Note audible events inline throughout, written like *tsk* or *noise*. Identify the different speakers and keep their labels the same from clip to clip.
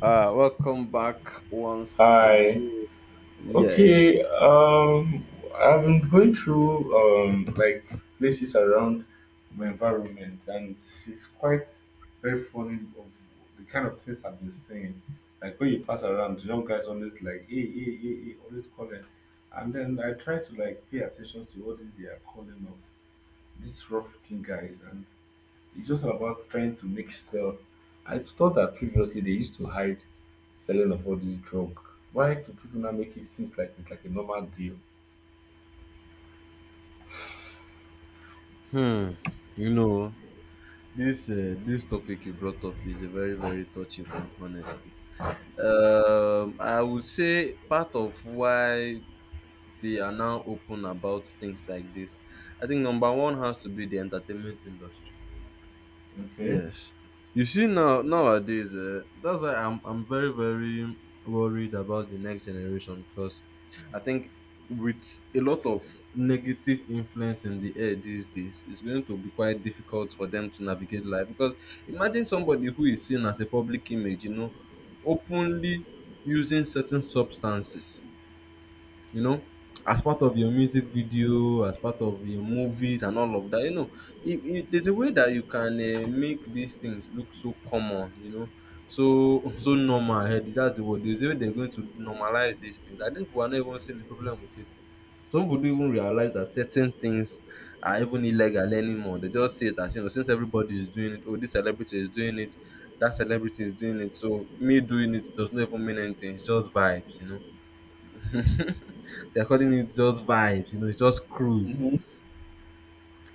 Speaker 1: Welcome back once
Speaker 2: Hi.
Speaker 1: again. Yes.
Speaker 2: Okay. Um, I've been going through um like places around my environment, and it's quite very funny of the kind of things I've been seeing. Like when you pass around, young guys always like hey, always calling, and then I try to like pay attention to what is they are calling of these rough looking guys, and it's just about trying to make sell. I thought that previously they used to hide selling of all this drug. Why do people now make it seem like it's like a normal deal?
Speaker 1: Hmm. You know, this topic you brought up is a very touchy one, honestly. I would say part of why they are now open about things like this, I think number one has to be the entertainment industry.
Speaker 2: Okay.
Speaker 1: Yes. You see now nowadays, that's why I'm very worried about the next generation because I think with a lot of negative influence in the air these days, it's going to be quite difficult for them to navigate life. Because imagine somebody who is seen as a public image, you know, openly using certain substances, you know, as part of your music video, as part of your movies and all of that. You know, there's a way that you can make these things look so common, you know, so *laughs* so normal. That's the word. There's a way they're going to normalize these things. I think people are not even seeing the problem with it. Some people don't even realize that certain things are even illegal anymore. They just see it as, you know, since everybody is doing it, oh, this celebrity is doing it, that celebrity is doing it, so me doing it does not even mean anything. It's just vibes, you know. *laughs* They're calling it just vibes, you know, it's just cruise
Speaker 2: Hmm.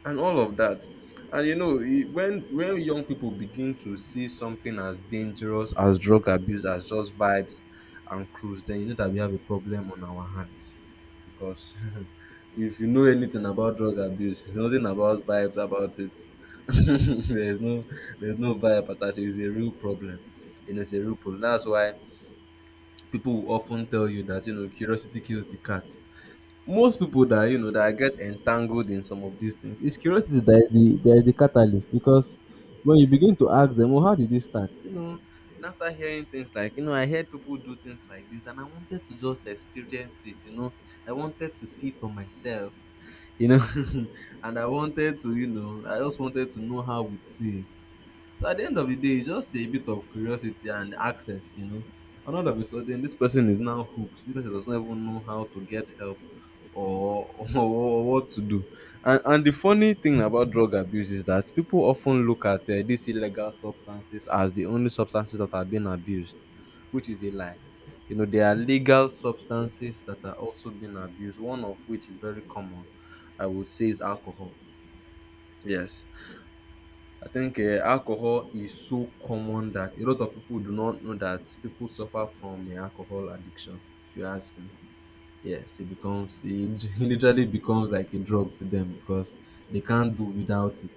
Speaker 1: and all of that. And you know, when young people begin to see something as dangerous as drug abuse, as just vibes and cruise, then you know that we have a problem on our hands. Because *laughs* if you know anything about drug abuse, there's nothing about vibes about it. *laughs* There's no there's no vibe attached. It's a real problem. You know, it's a real problem. That's why people will often tell you that, you know, curiosity kills the cat. Most people that, you know, that get entangled in some of these things, it's curiosity that is the catalyst. Because when you begin to ask them, well, how did this start, you know, and after hearing things like, you know, I heard people do things like this and I wanted to just experience it, you know, I wanted to see for myself, you know, *laughs* and I wanted to, you know, I just wanted to know how it is. So at the end of the day, it's just a bit of curiosity and access, you know. And all of a sudden, this person is now hooked. This person doesn't even know how to get help or, *laughs* or what to do. And the funny thing about drug abuse is that people often look at these illegal substances as the only substances that are being abused, which is a lie. You know, there are legal substances that are also being abused, one of which is very common, I would say, is alcohol. Yes. I think alcohol is so common that a lot of people do not know that people suffer from alcohol addiction, if you ask me. Yes, it *laughs* it literally becomes like a drug to them because they can't do without it.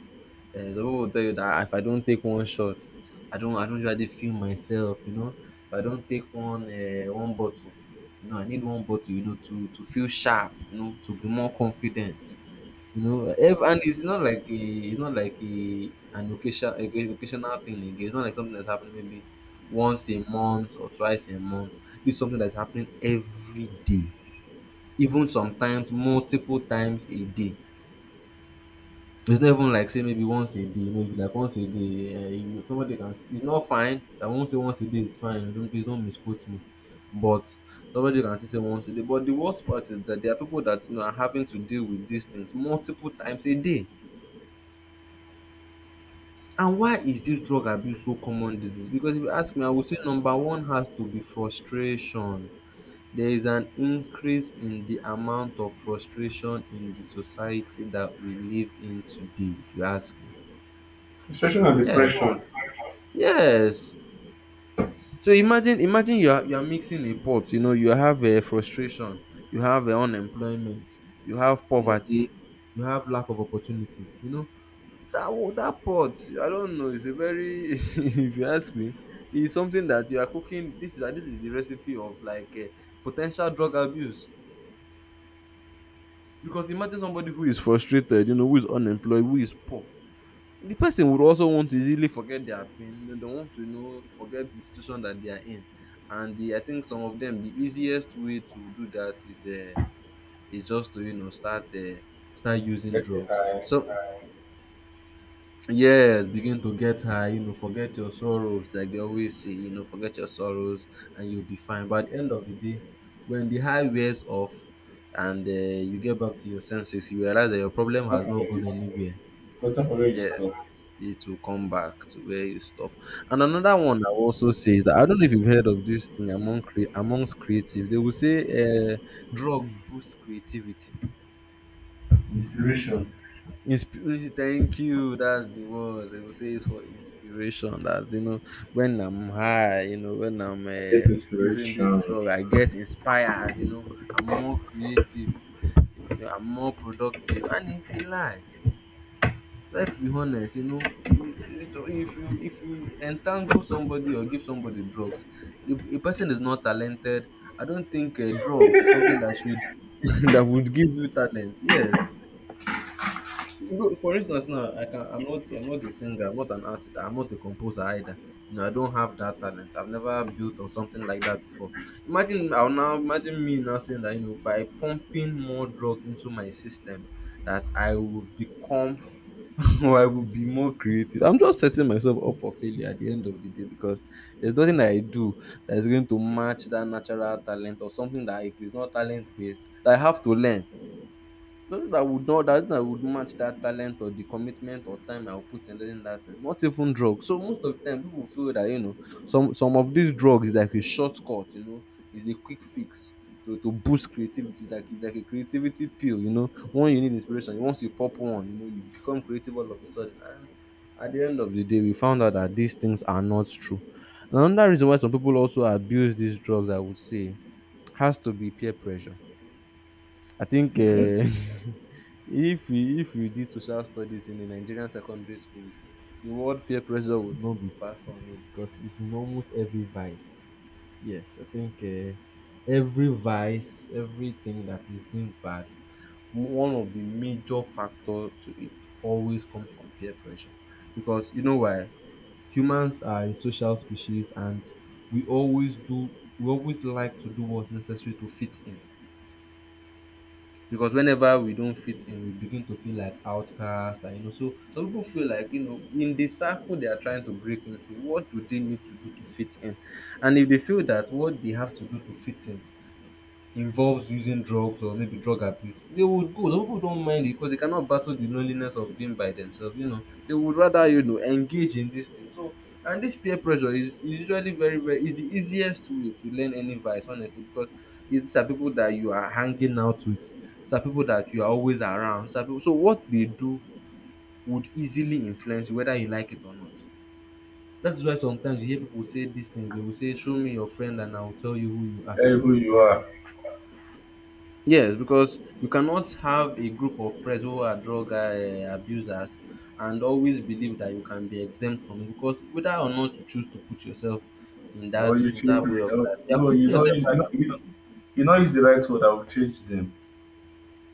Speaker 1: Some people will tell you that, "Ah, if I don't take one shot, I don't usually feel myself, you know. If I don't take one bottle, you know, I need one bottle, you know, to feel sharp, you know, to be more confident. You know, and it's not like it's not like a an occasion, a occasional thing again. It's not like something that's happening maybe once a month or twice a month. This is something that's happening every day, even sometimes multiple times a day. It's not even like, say, maybe once a day. You know, if it's like once a day, somebody can. It's not fine. I won't say once a day is fine. Don't, please don't misquote me. But somebody can still say once a day. But the worst part is that there are people that, you know, are having to deal with these things multiple times a day. And why is dis drug abuse so common disease? Because if you ask me, I would say number one has to be frustration. There is an increase in the amount of frustration in the society that we live in today, if you ask me.
Speaker 2: Frustration and
Speaker 1: Yes,
Speaker 2: depression.
Speaker 1: yes. So imagine you are mixing a pot, you know, you have frustration, you have unemployment, you have poverty,
Speaker 2: Mm-hmm.
Speaker 1: you have lack of opportunities, you know. That wa that pot, I don't know, it's a very *laughs* if you ask me, it's something that you are cooking. This is this is the recipe of like po drug abuse. Because imagine somebody who is frustrated, you know, who is unemployed, who is poor. The person would also want to easily forget their pain, they don't want to, you know, forget the situation that they are in. And the I think some of them, the easiest way to do that is just to, you know, start start using
Speaker 2: Let's say
Speaker 1: drugs.
Speaker 2: I
Speaker 1: So yes, begin to get high, you know, forget your sorrows, like they always say, you know, forget your sorrows and you'll be fine. But at the end of the day, when the high wears off and you get back to your senses, you realize that your problem
Speaker 2: not
Speaker 1: has
Speaker 2: from
Speaker 1: not
Speaker 2: where you
Speaker 1: gone anywhere.
Speaker 2: but not from where you
Speaker 1: Yeah,
Speaker 2: stop.
Speaker 1: it will come back to where you stop. And another one I will also say is that I don't know if you've heard of this thing among amongst creatives. They will say drug boosts creativity.
Speaker 2: Inspiration.
Speaker 1: Inspiration. Thank you. That's the word. They will say it's for inspiration. That, you know, when I'm high, you know, when I'm
Speaker 2: I get
Speaker 1: uh, using this
Speaker 2: inspiration.
Speaker 1: drug, I get inspired. You know, I'm more creative. You know, I'm more productive. And it's a lie. Let's be honest. You know, so if you entangle somebody or give somebody drugs, if a person is not talented, I don't think drugs is something that should *laughs* that would give you talent. Yes, no, for instance now, I'm not a singer, I'm not an artist, I'm not a composer either. You know, I don't have that talent. I've never built on something like that before. Imagine me now saying that, you know, by pumping more drugs into my system that I will become *laughs* or I will be more creative. I'm just setting myself up for failure at the end of the day because there's nothing that I do that is going to match that natural talent or something that, if it's not talent based, that I have to learn. Nothing that would not that that would match that talent or the commitment or time I would put in learning that thing. Not even drugs. So most of the time people feel that, you know, some of these drugs is like a shortcut, you know, is a quick fix to boost creativity. It's like a creativity pill, you know. When you need inspiration, once you pop one, you know, you become creative all of a sudden. And at the end of the day, we found out that these things are not true. And another reason why some people also abuse these drugs, I would say, has to be peer pressure. I think
Speaker 2: Okay.
Speaker 1: *laughs* if we did social studies in the Nigerian secondary schools, the word peer pressure would not be far from you because it's in almost every vice. Yes, I think every vice, everything that is deemed bad, one of the major factor to it always comes from peer pressure. Because you know why? Humans are a social species and we always do we always like to do what's necessary to fit in, because whenever we don't fit in, we begin to feel like outcast. And you know, so some people feel like, you know, in the circle they are trying to break into, what do they need to do to fit in? And if they feel that what they have to do to fit in involves using drugs or maybe drug abuse, they would go. Some people don't mind it because they cannot battle the loneliness of being by themselves. You know, they would rather, you know, engage in this thing. So, and this peer pressure is usually very very is the easiest way to learn any vice, honestly, because these are people that you are hanging out with. These are people that you are always around. These are people. So what they do would easily influence you whether you like it or not. That is why sometimes you hear people say these things. They will say, "Show me your friend, and I will tell you who you are."
Speaker 2: Tell you who you are.
Speaker 1: Yes, because you cannot have a group of friends who are drug abusers and always believe that you can be exempt from it because whether or not you choose to put yourself in
Speaker 2: Or
Speaker 1: that
Speaker 2: you
Speaker 1: in
Speaker 2: change
Speaker 1: that way
Speaker 2: it.
Speaker 1: of
Speaker 2: Oh,
Speaker 1: life, you are
Speaker 2: no,
Speaker 1: putting
Speaker 2: you know
Speaker 1: yourself
Speaker 2: you
Speaker 1: at
Speaker 2: know you
Speaker 1: risk.
Speaker 2: know you know use the right word that will change them.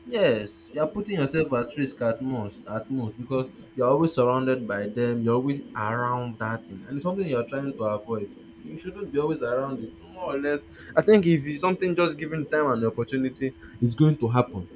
Speaker 1: Yes, you are putting yourself at risk at most because you are always surrounded by them, you're always around that thing, and it's something you're trying to avoid. You shouldn't be always around it, more or less. I think if it's something just given time and opportunity, it's going to happen.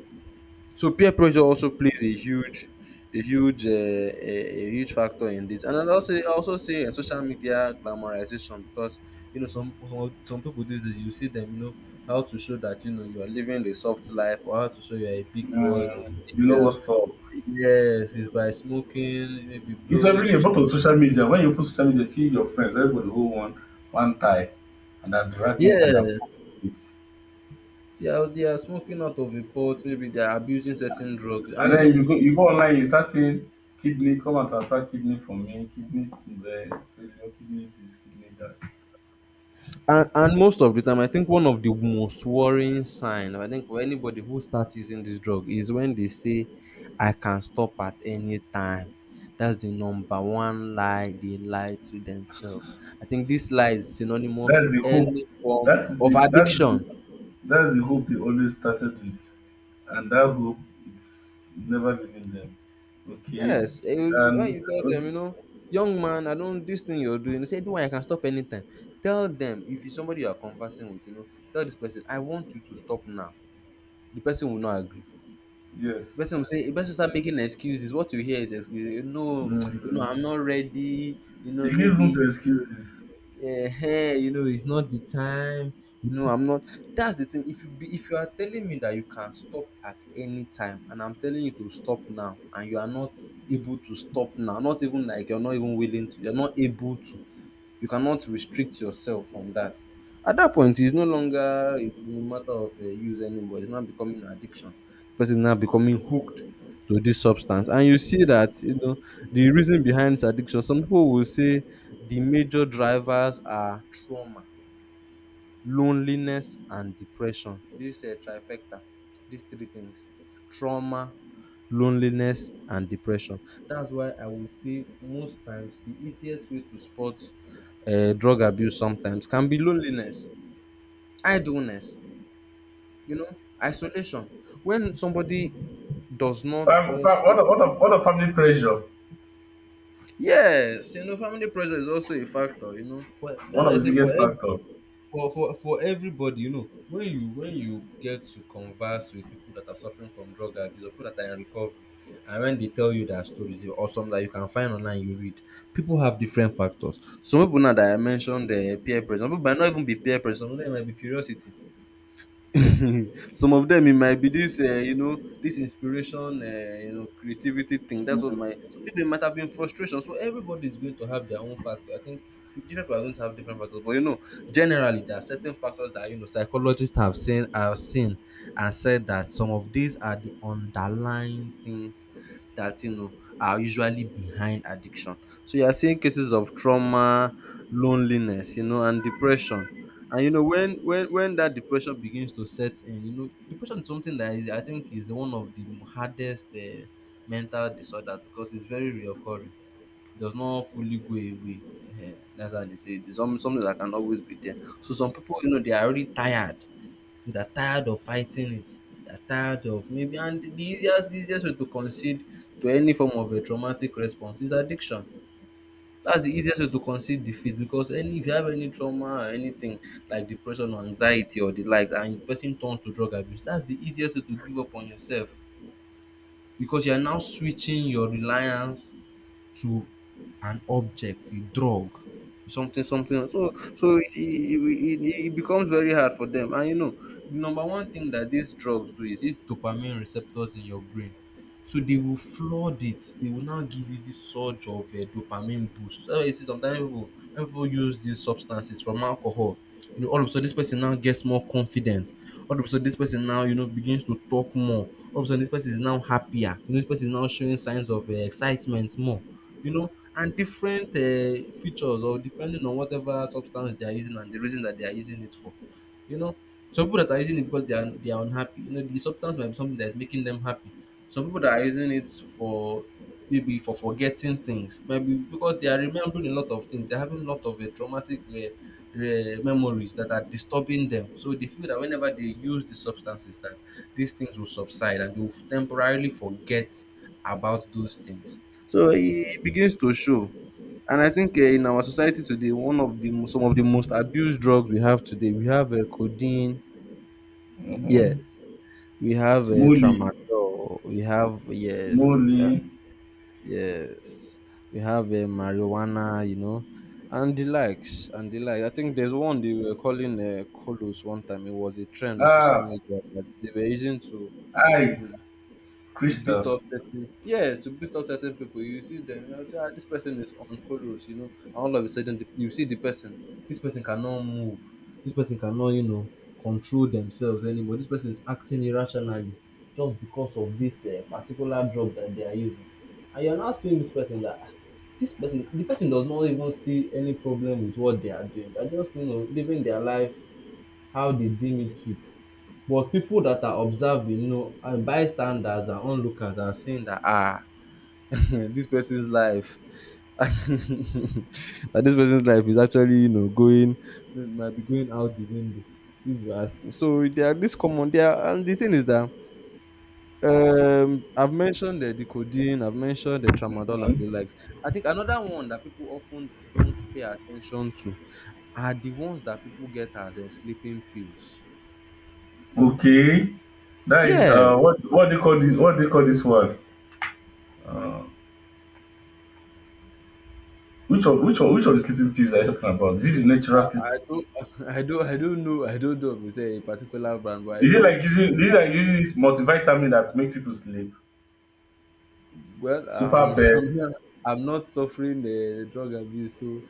Speaker 1: So peer pressure also plays a huge, a huge, uh, a, a huge factor in this. And I also say social media glamorization because you know some people these days you see them, you know, how to show that you know you are living a soft life or how to show you are a big boy or a big
Speaker 2: You know
Speaker 1: girl.
Speaker 2: what's up.
Speaker 1: Yes, it's by smoking, maybe
Speaker 2: It's
Speaker 1: blowing
Speaker 2: everywhere, but
Speaker 1: shisha.
Speaker 2: on social media, when you put social media, see your friends, everybody hold one tie and they're dragging it and they're
Speaker 1: Yes,
Speaker 2: posting it.
Speaker 1: they are smoking out of a pot. Maybe they are abusing certain drugs, and
Speaker 2: And
Speaker 1: you know
Speaker 2: then you
Speaker 1: with
Speaker 2: go you go online, you start seeing kidney, come and transfer kidney from me, failure, kidney this, kidney that.
Speaker 1: And most of the time, I think one of the most worrying sign, I think for anybody who starts using this drug, is when they say, "I can stop at any time." That's the number one lie they lie to themselves. I think this lie is synonymous
Speaker 2: That's
Speaker 1: to
Speaker 2: the hope.
Speaker 1: any form
Speaker 2: That's
Speaker 1: of
Speaker 2: the that's the
Speaker 1: addiction.
Speaker 2: that's the hope they always started with. And that hope it's never leaving them. Okay?
Speaker 1: Yes, eh, when
Speaker 2: And
Speaker 1: you tell them,
Speaker 2: okay,
Speaker 1: you know, young man, I don't this thing you're doing. They say, "Do I can stop anytime." Tell them if you somebody you are conversing with, you know, tell this person, "I want you to stop now." The person will not agree. The
Speaker 2: yes.
Speaker 1: person will say the person start making excuses. What you hear is excuses. You know, *tsk* you know,
Speaker 2: Mm.
Speaker 1: I'm not ready. You
Speaker 2: They
Speaker 1: know,
Speaker 2: give room
Speaker 1: maybe
Speaker 2: to excuses.
Speaker 1: you know, it's not the time. You know, I'm not. That's the thing. If you be, if you are telling me that you can stop at any time, and I'm telling you to stop now, and you are not able to stop now, not even like you're not even willing to, you're not able to you cannot restrict yourself from that. At that point, it's no longer a matter of use anymore. It's now becoming an addiction. Person is now becoming hooked to this substance, and you see that you know the reason behind this addiction. Some people will say the major drivers are trauma, loneliness and depression. This trifecta, these three things: trauma, loneliness and depression. That's why I will say most times the easiest way to spot drug abuse sometimes can be loneliness, idleness, you know, isolation. When somebody does not
Speaker 2: Fam,
Speaker 1: of
Speaker 2: fam, what, of, what, of, what of family pressure?
Speaker 1: yes, you know, family pressure is also a factor, you know, for
Speaker 2: One
Speaker 1: that
Speaker 2: of
Speaker 1: I
Speaker 2: the
Speaker 1: say for
Speaker 2: biggest
Speaker 1: every
Speaker 2: factor.
Speaker 1: for everybody, you know, when you get to converse with people that are suffering from drug abuse or people that are in recovery, and when they tell you their stories or some that you can find online you read, people have different factors. Some people, now that I mentioned the peer pressure, some people might not even be peer pressure. Some of them might be curiosity. *laughs* Some of them, it might be this you know, this inspiration, you know, creativity thing. That's what my, so maybe it might have been frustration. So everybody is going to have their own factor. I think different people are going to have different factors, but you know, generally there are certain factors that, you know, psychologists have seen and said that some of these are the underlying things that, you know, are usually behind addiction. So you are seeing cases of trauma, loneliness, you know, and depression. And you know, when when that depression begins to set in, you know, depression is something that is, I think, is one of the hardest mental disorders because it's very reoccurring. It does not fully go away. Eh, that's how they say it. It's some- something that can always be there. So some people, you know, they are already tired. So they're tired of fighting it. They're tired of maybe, and the easiest way to concede to any form of a traumatic response is addiction. That's the easiest way to concede defeat, because any if you have any trauma or anything like depression or anxiety or the likes and the person turns to drug abuse, that's the easiest way to give up on yourself, because you are now switching your reliance to an object, a drug. Something something so so it becomes very hard for them, and you know the number one thing that these drugs do is these dopamine receptors in your brain. So they will flood it, they will now give you this surge of a dopamine boost. So you see sometimes people, when people use these substances, from alcohol, you know, all of a sudden this person now gets more confident, all of a sudden this person now, you know, begins to talk more, all of a sudden this person is now happier, you know, this person is now showing signs of excitement more, you know, and different features or depending on whatever substance they are using and the reason that they are using it for. You know, some people that are using it because they are unhappy. You know, the substance might be something that is making them happy. Some people that are using it for maybe for forgetting things, maybe because they are remembering a lot of things. They're having a lot of traumatic re- memories that are disturbing them. So they feel that whenever they use these substances, that these things will subside and they will temporarily forget about those things. So it begins to show. And I think, in our society today, one of the mo- some of the most abused drugs we have today, we have codeine. Yes, we have
Speaker 2: Molly,
Speaker 1: tramadol. We have yes, you can
Speaker 2: Molly,
Speaker 1: yes, we have marijuana. You know, and the likes and the like. I think there's one they were calling colos one time. It was a trend on social
Speaker 2: ah,
Speaker 1: media that they were using to
Speaker 2: eyes,
Speaker 1: to beat
Speaker 2: crystal.
Speaker 1: up certain yes to beat up certain people. You see them and you say, ah, this person is on colos, you know, and all of a sudden the, you see the person, this person cannot move, this person cannot, you know, control themselves anymore, this person is acting irrationally just because of this particular drug that they are using. And you are now seeing this person that, ah, this person, the person does not even see any problem with what they are doing. They are just, you know, living their life how they deem it fit. But people that are observing, you know, and bystanders and onlookers are seeing that, ah, *laughs* this person's life *laughs* that this person's life is actually, you know, going might be going out the window, if you ask me. So there are this common there and the thing is that I've mentioned the codeine, I've mentioned the tramadol and
Speaker 2: Mhm.
Speaker 1: the likes. I think another one that people often don't pay attention to are the ones that people get as a sleeping pills.
Speaker 2: Okay, that is
Speaker 1: Yeah,
Speaker 2: what they call this? What they call this word? Which of the sleeping pills are you talking about? Is it the
Speaker 1: I
Speaker 2: natural sleep?
Speaker 1: I don't *laughs* I don't know, I don't know if it's a particular brand, but I
Speaker 2: Is it
Speaker 1: know
Speaker 2: like using is it like
Speaker 1: as
Speaker 2: using this multivitamin that make people sleep?
Speaker 1: well,
Speaker 2: Super
Speaker 1: I'm *laughs*
Speaker 2: pet.
Speaker 1: I'm not suffering the drug abuse, so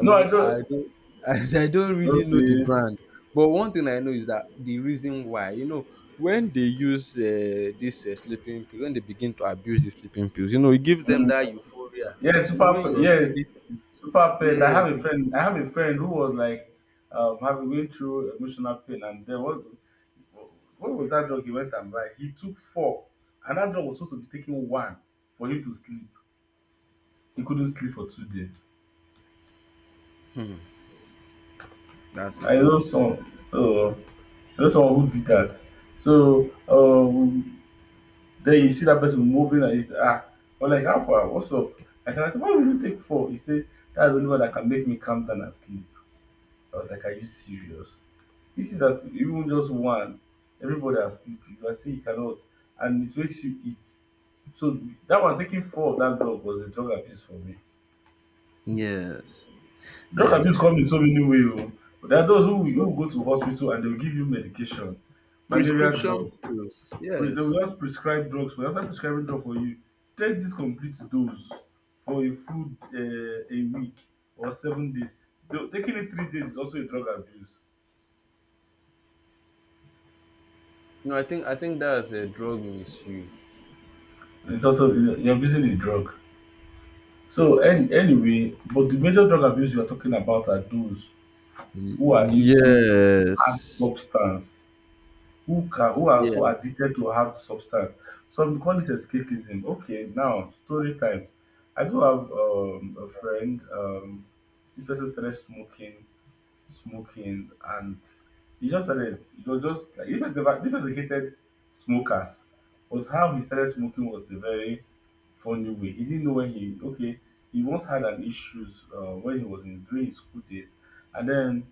Speaker 2: No, I
Speaker 1: not, I
Speaker 2: don't.
Speaker 1: don't *laughs* I don't really know the
Speaker 2: Okay.
Speaker 1: brand. But one thing I know is that the reason why, you know, when they use this sleeping pills, when they begin to abuse the sleeping pills, you know, it gives them that euphoria.
Speaker 2: Yes,
Speaker 1: You know,
Speaker 2: super.
Speaker 1: when you're sleeping,
Speaker 2: Super pain. I
Speaker 1: yes,
Speaker 2: have a
Speaker 1: they give
Speaker 2: friend. I
Speaker 1: you.
Speaker 2: have a friend who was like, having going through emotional pain, and then what? What was that drug he went and buy? He took four, and that drug was supposed to be taking one for him to sleep. He couldn't sleep for 2 days.
Speaker 1: That's a
Speaker 2: I know
Speaker 1: lot.
Speaker 2: someone. I know someone who did that. So then you see that person moving, and he's ah, I'm like, how far? What's up? I said, why would you take four? He said, that's the only one that can make me calm down and sleep. I was like, are you serious? You see that even just one, everybody are sleepy. You are saying you cannot, and it makes you eat. So that one taking four of that drug was a drug abuse for me.
Speaker 1: Yes,
Speaker 2: Drug
Speaker 1: yes.
Speaker 2: abuse come in so many ways. Oh. There are those who
Speaker 1: So
Speaker 2: will go to hospital and they will give you medication, malaria
Speaker 1: prescription
Speaker 2: drug.
Speaker 1: pills,
Speaker 2: They
Speaker 1: yes.
Speaker 2: will just prescribe drugs for you. After prescribing drug for you, take this complete dose for a food a week or 7 days. Though taking it 3 days is also a drug abuse.
Speaker 1: No, I think that's a drug misuse.
Speaker 2: It's also you're abusing the drug. So and anyway, but the major drug abuse you are talking about are those who are
Speaker 1: Y-
Speaker 2: into hard
Speaker 1: yes.
Speaker 2: substance, who are so
Speaker 1: Yes.
Speaker 2: addicted to hard substance. Some call it escapism. Okay, now story time. I do have a friend. This person started smoking and he just started it was just like this was the this was a hated smokers, but how he started smoking was a very funny way. He didn't know when he okay, he once had an issues when he was in during his school days, and then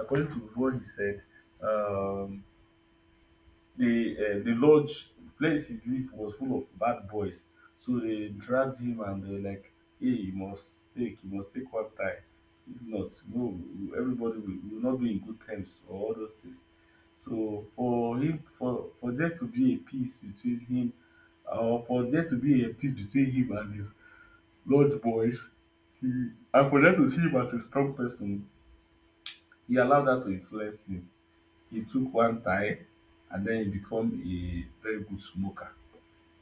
Speaker 2: according to what he said, um the lodge place he live was full of bad boys. So they dragged him and they were like, hey, you must take one time. If not no, everybody will not be in good terms or all those things. So for him, for there to be a peace between him, or for there to be a peace between him and his lodge boys, he, and for them to see him as a strong person, he allowed that to influence him. He took one time, and then he become a very good smoker,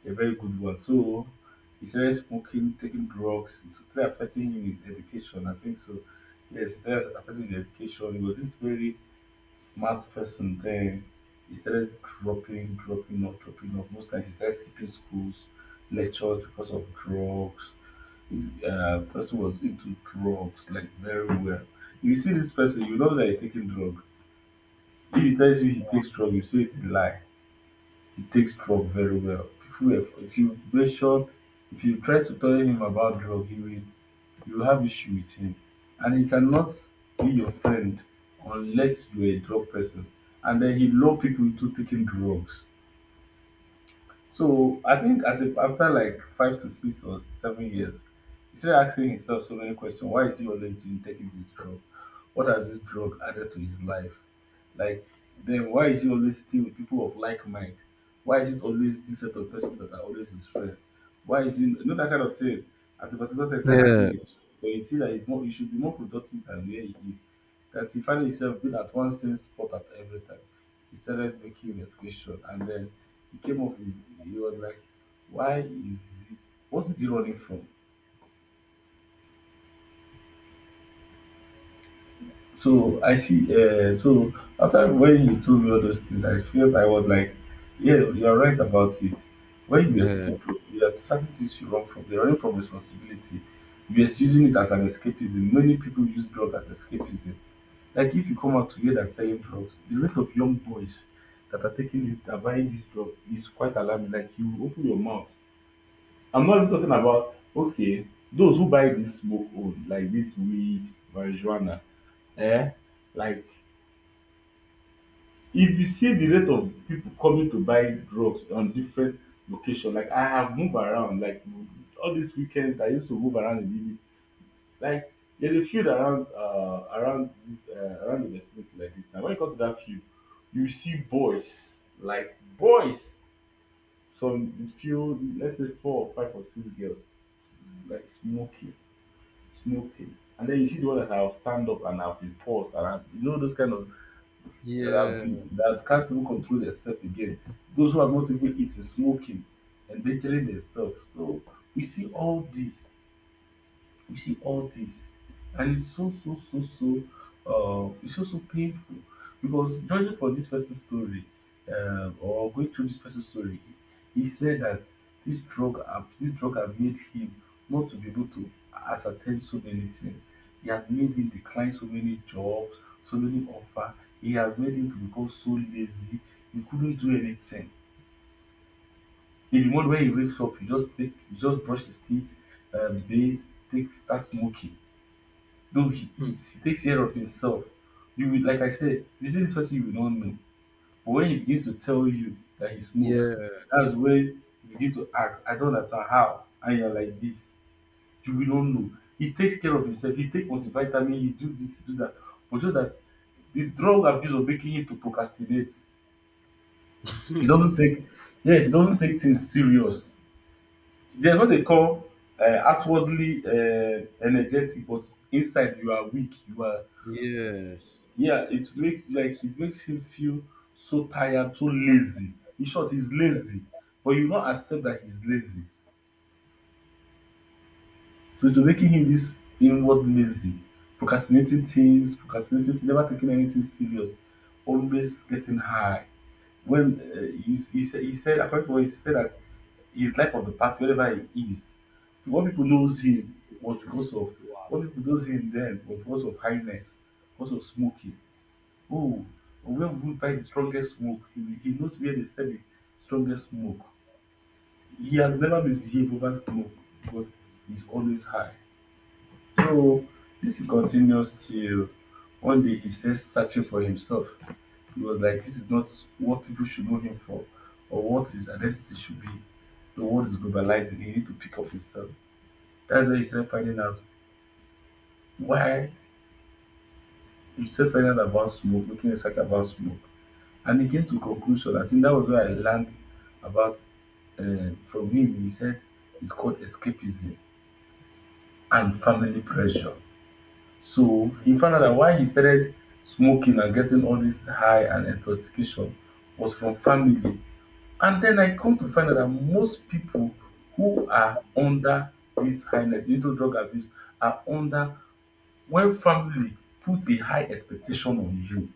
Speaker 2: a very good one. So he started smoking, taking drugs. It started affecting him his education. I think so. Yes, it started affecting his education. He was this very smart person then. He started dropping off. Most times he started skipping schools, lectures because of drugs. His person was into drugs like very well. If you see this person, you know that he's taking drug. If he tells you he takes drug, you say it's a lie. He takes drug very well. People, if you mention, if you try to tell him about drug, he will you will have issue with him, and he cannot be your friend unless you are a drug person. And then he lure people into taking drugs. So I think after like 5 to 6 or 7 years, he started asking himself so many questions. Why is he always doing taking this drug? What has this drug added to his life? Like then why is he always sitting with people of like mind? Why is it always this set of person that are always his friends? Why is he you know that kind of thing? At the particular time, he started asking
Speaker 1: Yeah.
Speaker 2: his, but you see that he's more, he should be more productive than where he is. That he found himself being at one same spot at every time. He started making investigation, and then he came up with, he was like, why is it, what is he running from? So I see so after when you told me all those things I felt, I was like, yeah, you're right about it. When you are
Speaker 1: Yeah.
Speaker 2: you are certain things you run from, you're running from responsibility. You're using it as an escapism. Many people use drug as escapism. Like if you come out today that's selling drugs, the rate of young boys that are taking this, that are buying this drug is quite alarming. Like you open your mouth. I'm not even talking about okay, those who buy this smoke own, like this weed, marijuana, eh? Like if you see the rate of people coming to buy drugs on different location, like I have moved around, like all these weekends I used to move around in Ibi. Like there's a field around around this around the vicinity like this. Now when you come to that field, you see boys, like boys, some few let's say four or five or six girls like smoking. And then you see the one that I'll stand up and I'll be paused and I, you know, those kind of that have
Speaker 1: Yeah.
Speaker 2: been that can't even control themselves again. Those who have not even eaten smoking, endangering themselves. So we see all this, you see all this, and it's so so so so it's so so painful because judging for this person's story, or going through this person's story, he said that this drug had made him not to be able to ascertain so many things. He had made him decline so many jobs, so many offer. He had made him to become so lazy. He couldn't do anything. In the morning when he wakes up, he just brush his teeth, bathe, take start smoking though he
Speaker 1: Hmm.
Speaker 2: eats, he takes care of himself. You will, like I said, this is this person you will not know. But when he begins to tell you that he smokes,
Speaker 1: Yeah.
Speaker 2: that's when you begin to ask, I don't understand how. And you're like this. You will not know. He takes care of himself. He take multivitamin. He do this, he do that. But just that the drug abuse was making him to procrastinate. He doesn't take, yes, he doesn't take things serious. There's what they call outwardly energetic, but inside you are weak. You are,
Speaker 1: Yes.
Speaker 2: yeah, it makes like it makes him feel so tired, so lazy. In short, he's lazy, but you not accept that he's lazy. So it's making him this inward lazy, procrastinating things, procrastinating things, never taking anything serious, always getting high. When according to what he said, that he's life of the party wherever he is. What people knows him was because of what people knows him then was because of highness, because of smoking. Oh, when we buy the strongest smoke, he knows where they sell the strongest smoke. He has never misbehaved over smoke because he's always high. So this he continues till one day he starts searching for himself. He was like, this is not what people should know him for or what his identity should be. The world is globalizing. He need to pick up himself. That's why he started finding out why he started finding out about smoke, making research about smoke. And he came to conclusion. I think that was where I learned about from him. He said it's called escapism and family pressure. So he found out that why he started smoking and getting all this high and intoxication was from family. And then I come to find out that most people who are under this highness into drug abuse are under when family put a high expectation on you.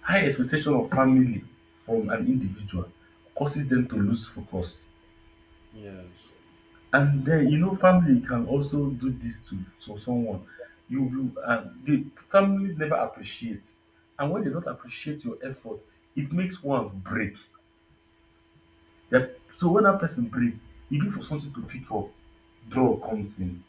Speaker 2: High expectation of family from an individual causes them to lose focus.
Speaker 1: Yes.
Speaker 2: And then you know family can also do this to someone. You the family never appreciate, and when they don't appreciate your effort, it makes ones break. Yep. So when that person break, even for something to pick up, draw comes in.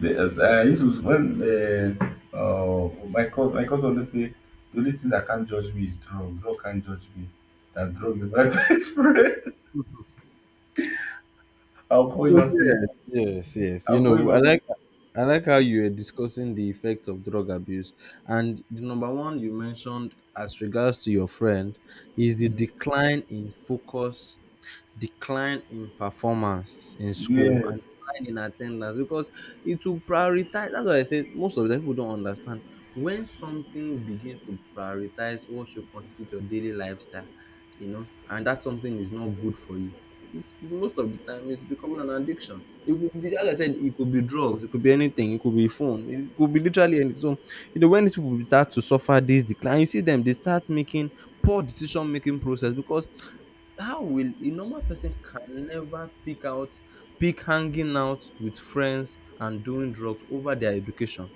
Speaker 2: The, as I used to, when my coach always say, the only thing that can't judge me is drug. Drug can't judge me. That drug is my *laughs* best friend. I'll call him
Speaker 1: So
Speaker 2: and say,
Speaker 1: yes, yes, yes. You
Speaker 2: I'll call him
Speaker 1: know,
Speaker 2: and say,
Speaker 1: I like how you are discussing the effects of drug abuse. And the number one you mentioned as regards to your friend is the decline in focus, decline in performance in school, and
Speaker 2: yes.
Speaker 1: decline in attendance because it will prioritize. That's why I say most of the time people don't understand when something begins to prioritize what should constitute your daily lifestyle, you know, and that something is not good for you. It's most of the time, it's becoming an addiction. It could be, like I said, it could be drugs, it could be anything, it could be phone, it could be literally anything. So you know, when these people start to suffer this decline, you see them, they start making poor decision making process. Because how will a normal person, can never pick out, pick hanging out with friends and doing drugs over their education?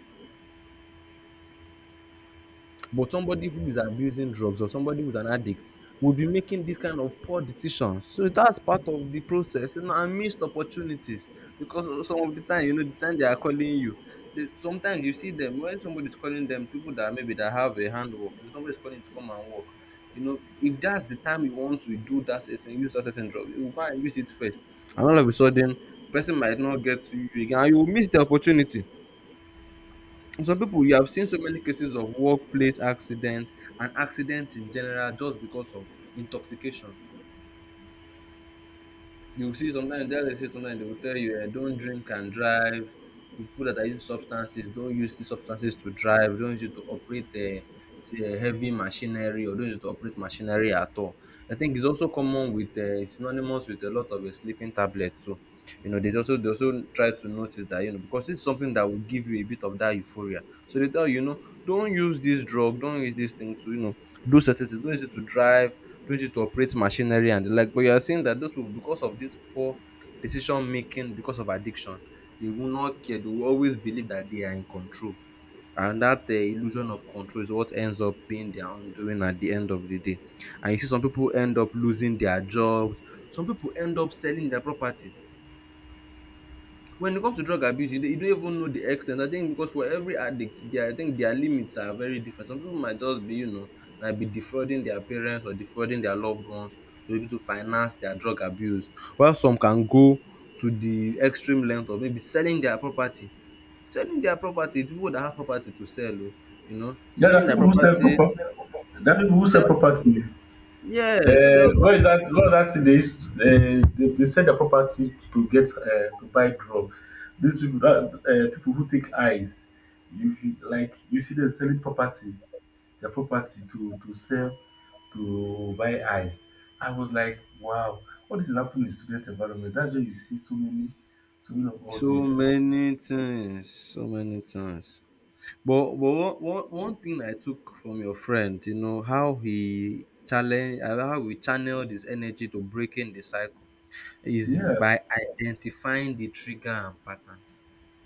Speaker 1: But somebody who is abusing drugs or somebody who's an addict will be making these kind of poor decisions. So that's part of the process. You know, and missed opportunities, because some of the time, you know, the time they are calling you, they, sometimes you see them when somebody's calling them, people that maybe that have a handwork, you know, somebody's calling you to come and work. You know, if that's the time you want to do that certain, use that certain drug, you will go and use it first. And all of a sudden, the person might not get to you again, and you will miss the opportunity. Some people, you have seen so many cases of workplace accident and accident in general, just because of intoxication. You will see, sometimes they will say, sometimes they will tell you, don't drink and drive. People that are using substances, don't use these substances to drive. Don't use it to operate say, heavy machinery, or don't use it to operate machinery at all. I think it's also common with synonymous with a lot of sleeping tablets too. You know, they also, they also try to notice that, you know, because it's something that will give you a bit of that euphoria. So they tell you, you know, don't use this drug, don't use this thing to, you know, do certain things, don't use it to drive, don't use it to operate machinery and the like. But you are seeing that those people, because of this poor decision making, because of addiction, they will not care. They will always believe that they are in control, and that illusion of control is what ends up being their undoing at the end of the day. And you see some people end up losing their jobs, some people end up selling their property. When it comes to drug abuse, you don't even know the ex ten t, I think, because for every addict, their, I think their limits are very different. Some pipu might just be, you know, might be defrauding their parents or defrauding their loved ones to be able to finance their drug abuse, while some can go to the extreme length of maybe selling their property. Selling their property, pipu that have property to sell o, you know,
Speaker 2: Yeah, there
Speaker 1: selling
Speaker 2: are
Speaker 1: their
Speaker 2: people who sell
Speaker 1: property,
Speaker 2: proper. There are people who sell
Speaker 1: sell.
Speaker 2: property.
Speaker 1: Yes, sell.
Speaker 2: What is that? What is that thing they used? To, they sell their property to get to buy drug. These people, that, people who take eyes, like you see them selling property, their property to sell to buy eyes. I was like, wow, what is happening in student environment? That's why you see so many, so many of all
Speaker 1: So
Speaker 2: this.
Speaker 1: many things, so many things. But one thing I took from your friend, you know, how he challenge how he channeled his energy to breaking the cycle is
Speaker 2: Yeah,
Speaker 1: by identifying the trigger and patterns,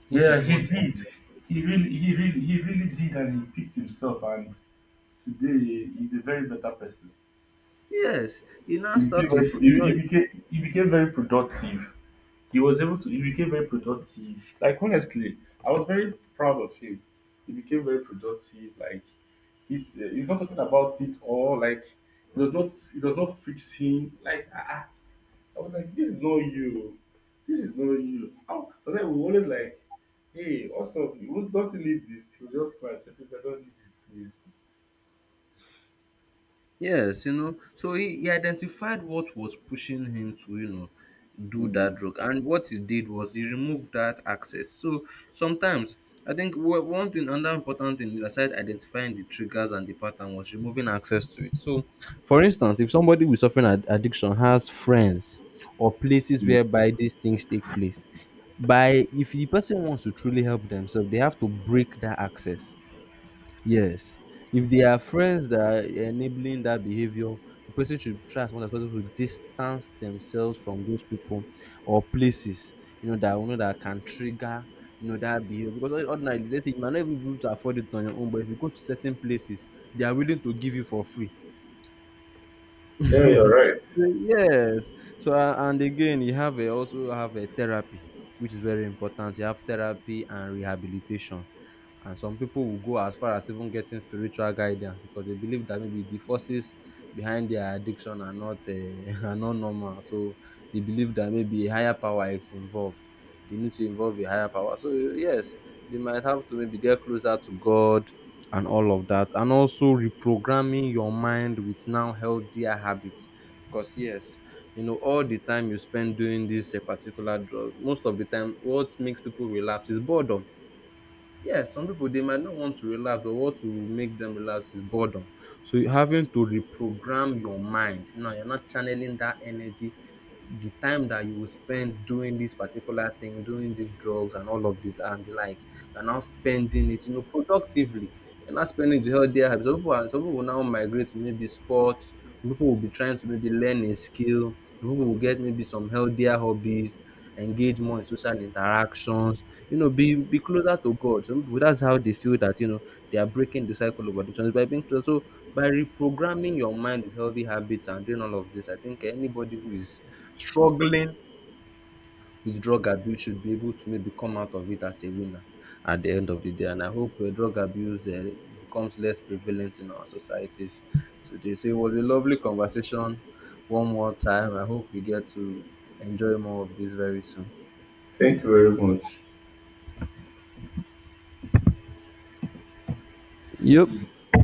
Speaker 1: which is
Speaker 2: yeah, he
Speaker 1: one thing.
Speaker 2: did. He really did, and he picked himself. And today, he's a very better person.
Speaker 1: Yes, you now start to you know.
Speaker 2: He became very productive. He was able to. He became very productive. Like honestly, I was very proud of him. He became very productive. Like it, eh, he's not talking about it all. Like it does not fix him. Like ah, ah. I was like, this is not you. This is not you. How? So then we always like, hey, what's up? You won't- don't you need this? You just smile and say, please, I don't need it, please.
Speaker 1: Yes, you know, so he identified what was pushing him to, you know, do that
Speaker 2: Mm.
Speaker 1: drug. And what he did was he removed that access. So sometimes, I think one thing, another important thing, aside identifying the triggers and the pattern, was removing access to it. So for instance, if somebody with suffering addiction has friends or places whereby these things take place, by if the person wants to truly help themselves, they have to break that access. Yes. If there are friends that are enabling that behavior, the person should try as much as possible to distance themselves from those people or places, you know that can trigger, you know, that behavior. Because ordinarily, let's say you might not even be able to afford it on your own, but if you go to certain places, they are willing to give you for free.
Speaker 2: Yeah, you're
Speaker 1: *laughs* So,
Speaker 2: right.
Speaker 1: yes. So and again, you also have a therapy, which is very important. You have therapy and rehabilitation, and some people will go as far as even getting spiritual guidance, because they believe that maybe the forces behind their addiction are not *laughs* are not normal. So they believe that maybe a higher power is involved, they need to involve a higher power. So yes, they might have to maybe get closer to God and all of that, and also reprogramming your mind with now healthier habits. Because yes, you know, all the time you spend doing this a particular drug, most of the time, what makes people relapse is boredom. Yeah, some people, they might not want to relax, but what will make them relax is boredom. So you're having to reprogram your mind. Now you're not channeling that energy. The time that you will spend doing this particular thing, doing these drugs and all of the and the likes, you're now spending it, you know, productively. You're not spending the healthier habits. Some people will now migrate to maybe sports. Some people will be trying to maybe learn a skill. Some people will get maybe some healthier hobbies, engage more in social interactions, you know, be closer to God. Some people, that's how they feel, that you know they are breaking the cycle of addictions by being closer. So by reprogramming your mind with healthy habits and doing all of this, I think anybody who is struggling with drug abuse should be able to maybe come out of it as a winner at the end of the day. And I hope drug abuse becomes less prevalent in our societies today. So it was a lovely conversation. One more time, I hope we get to enjoy more of this very soon.
Speaker 2: Thank you very much.
Speaker 1: Yep.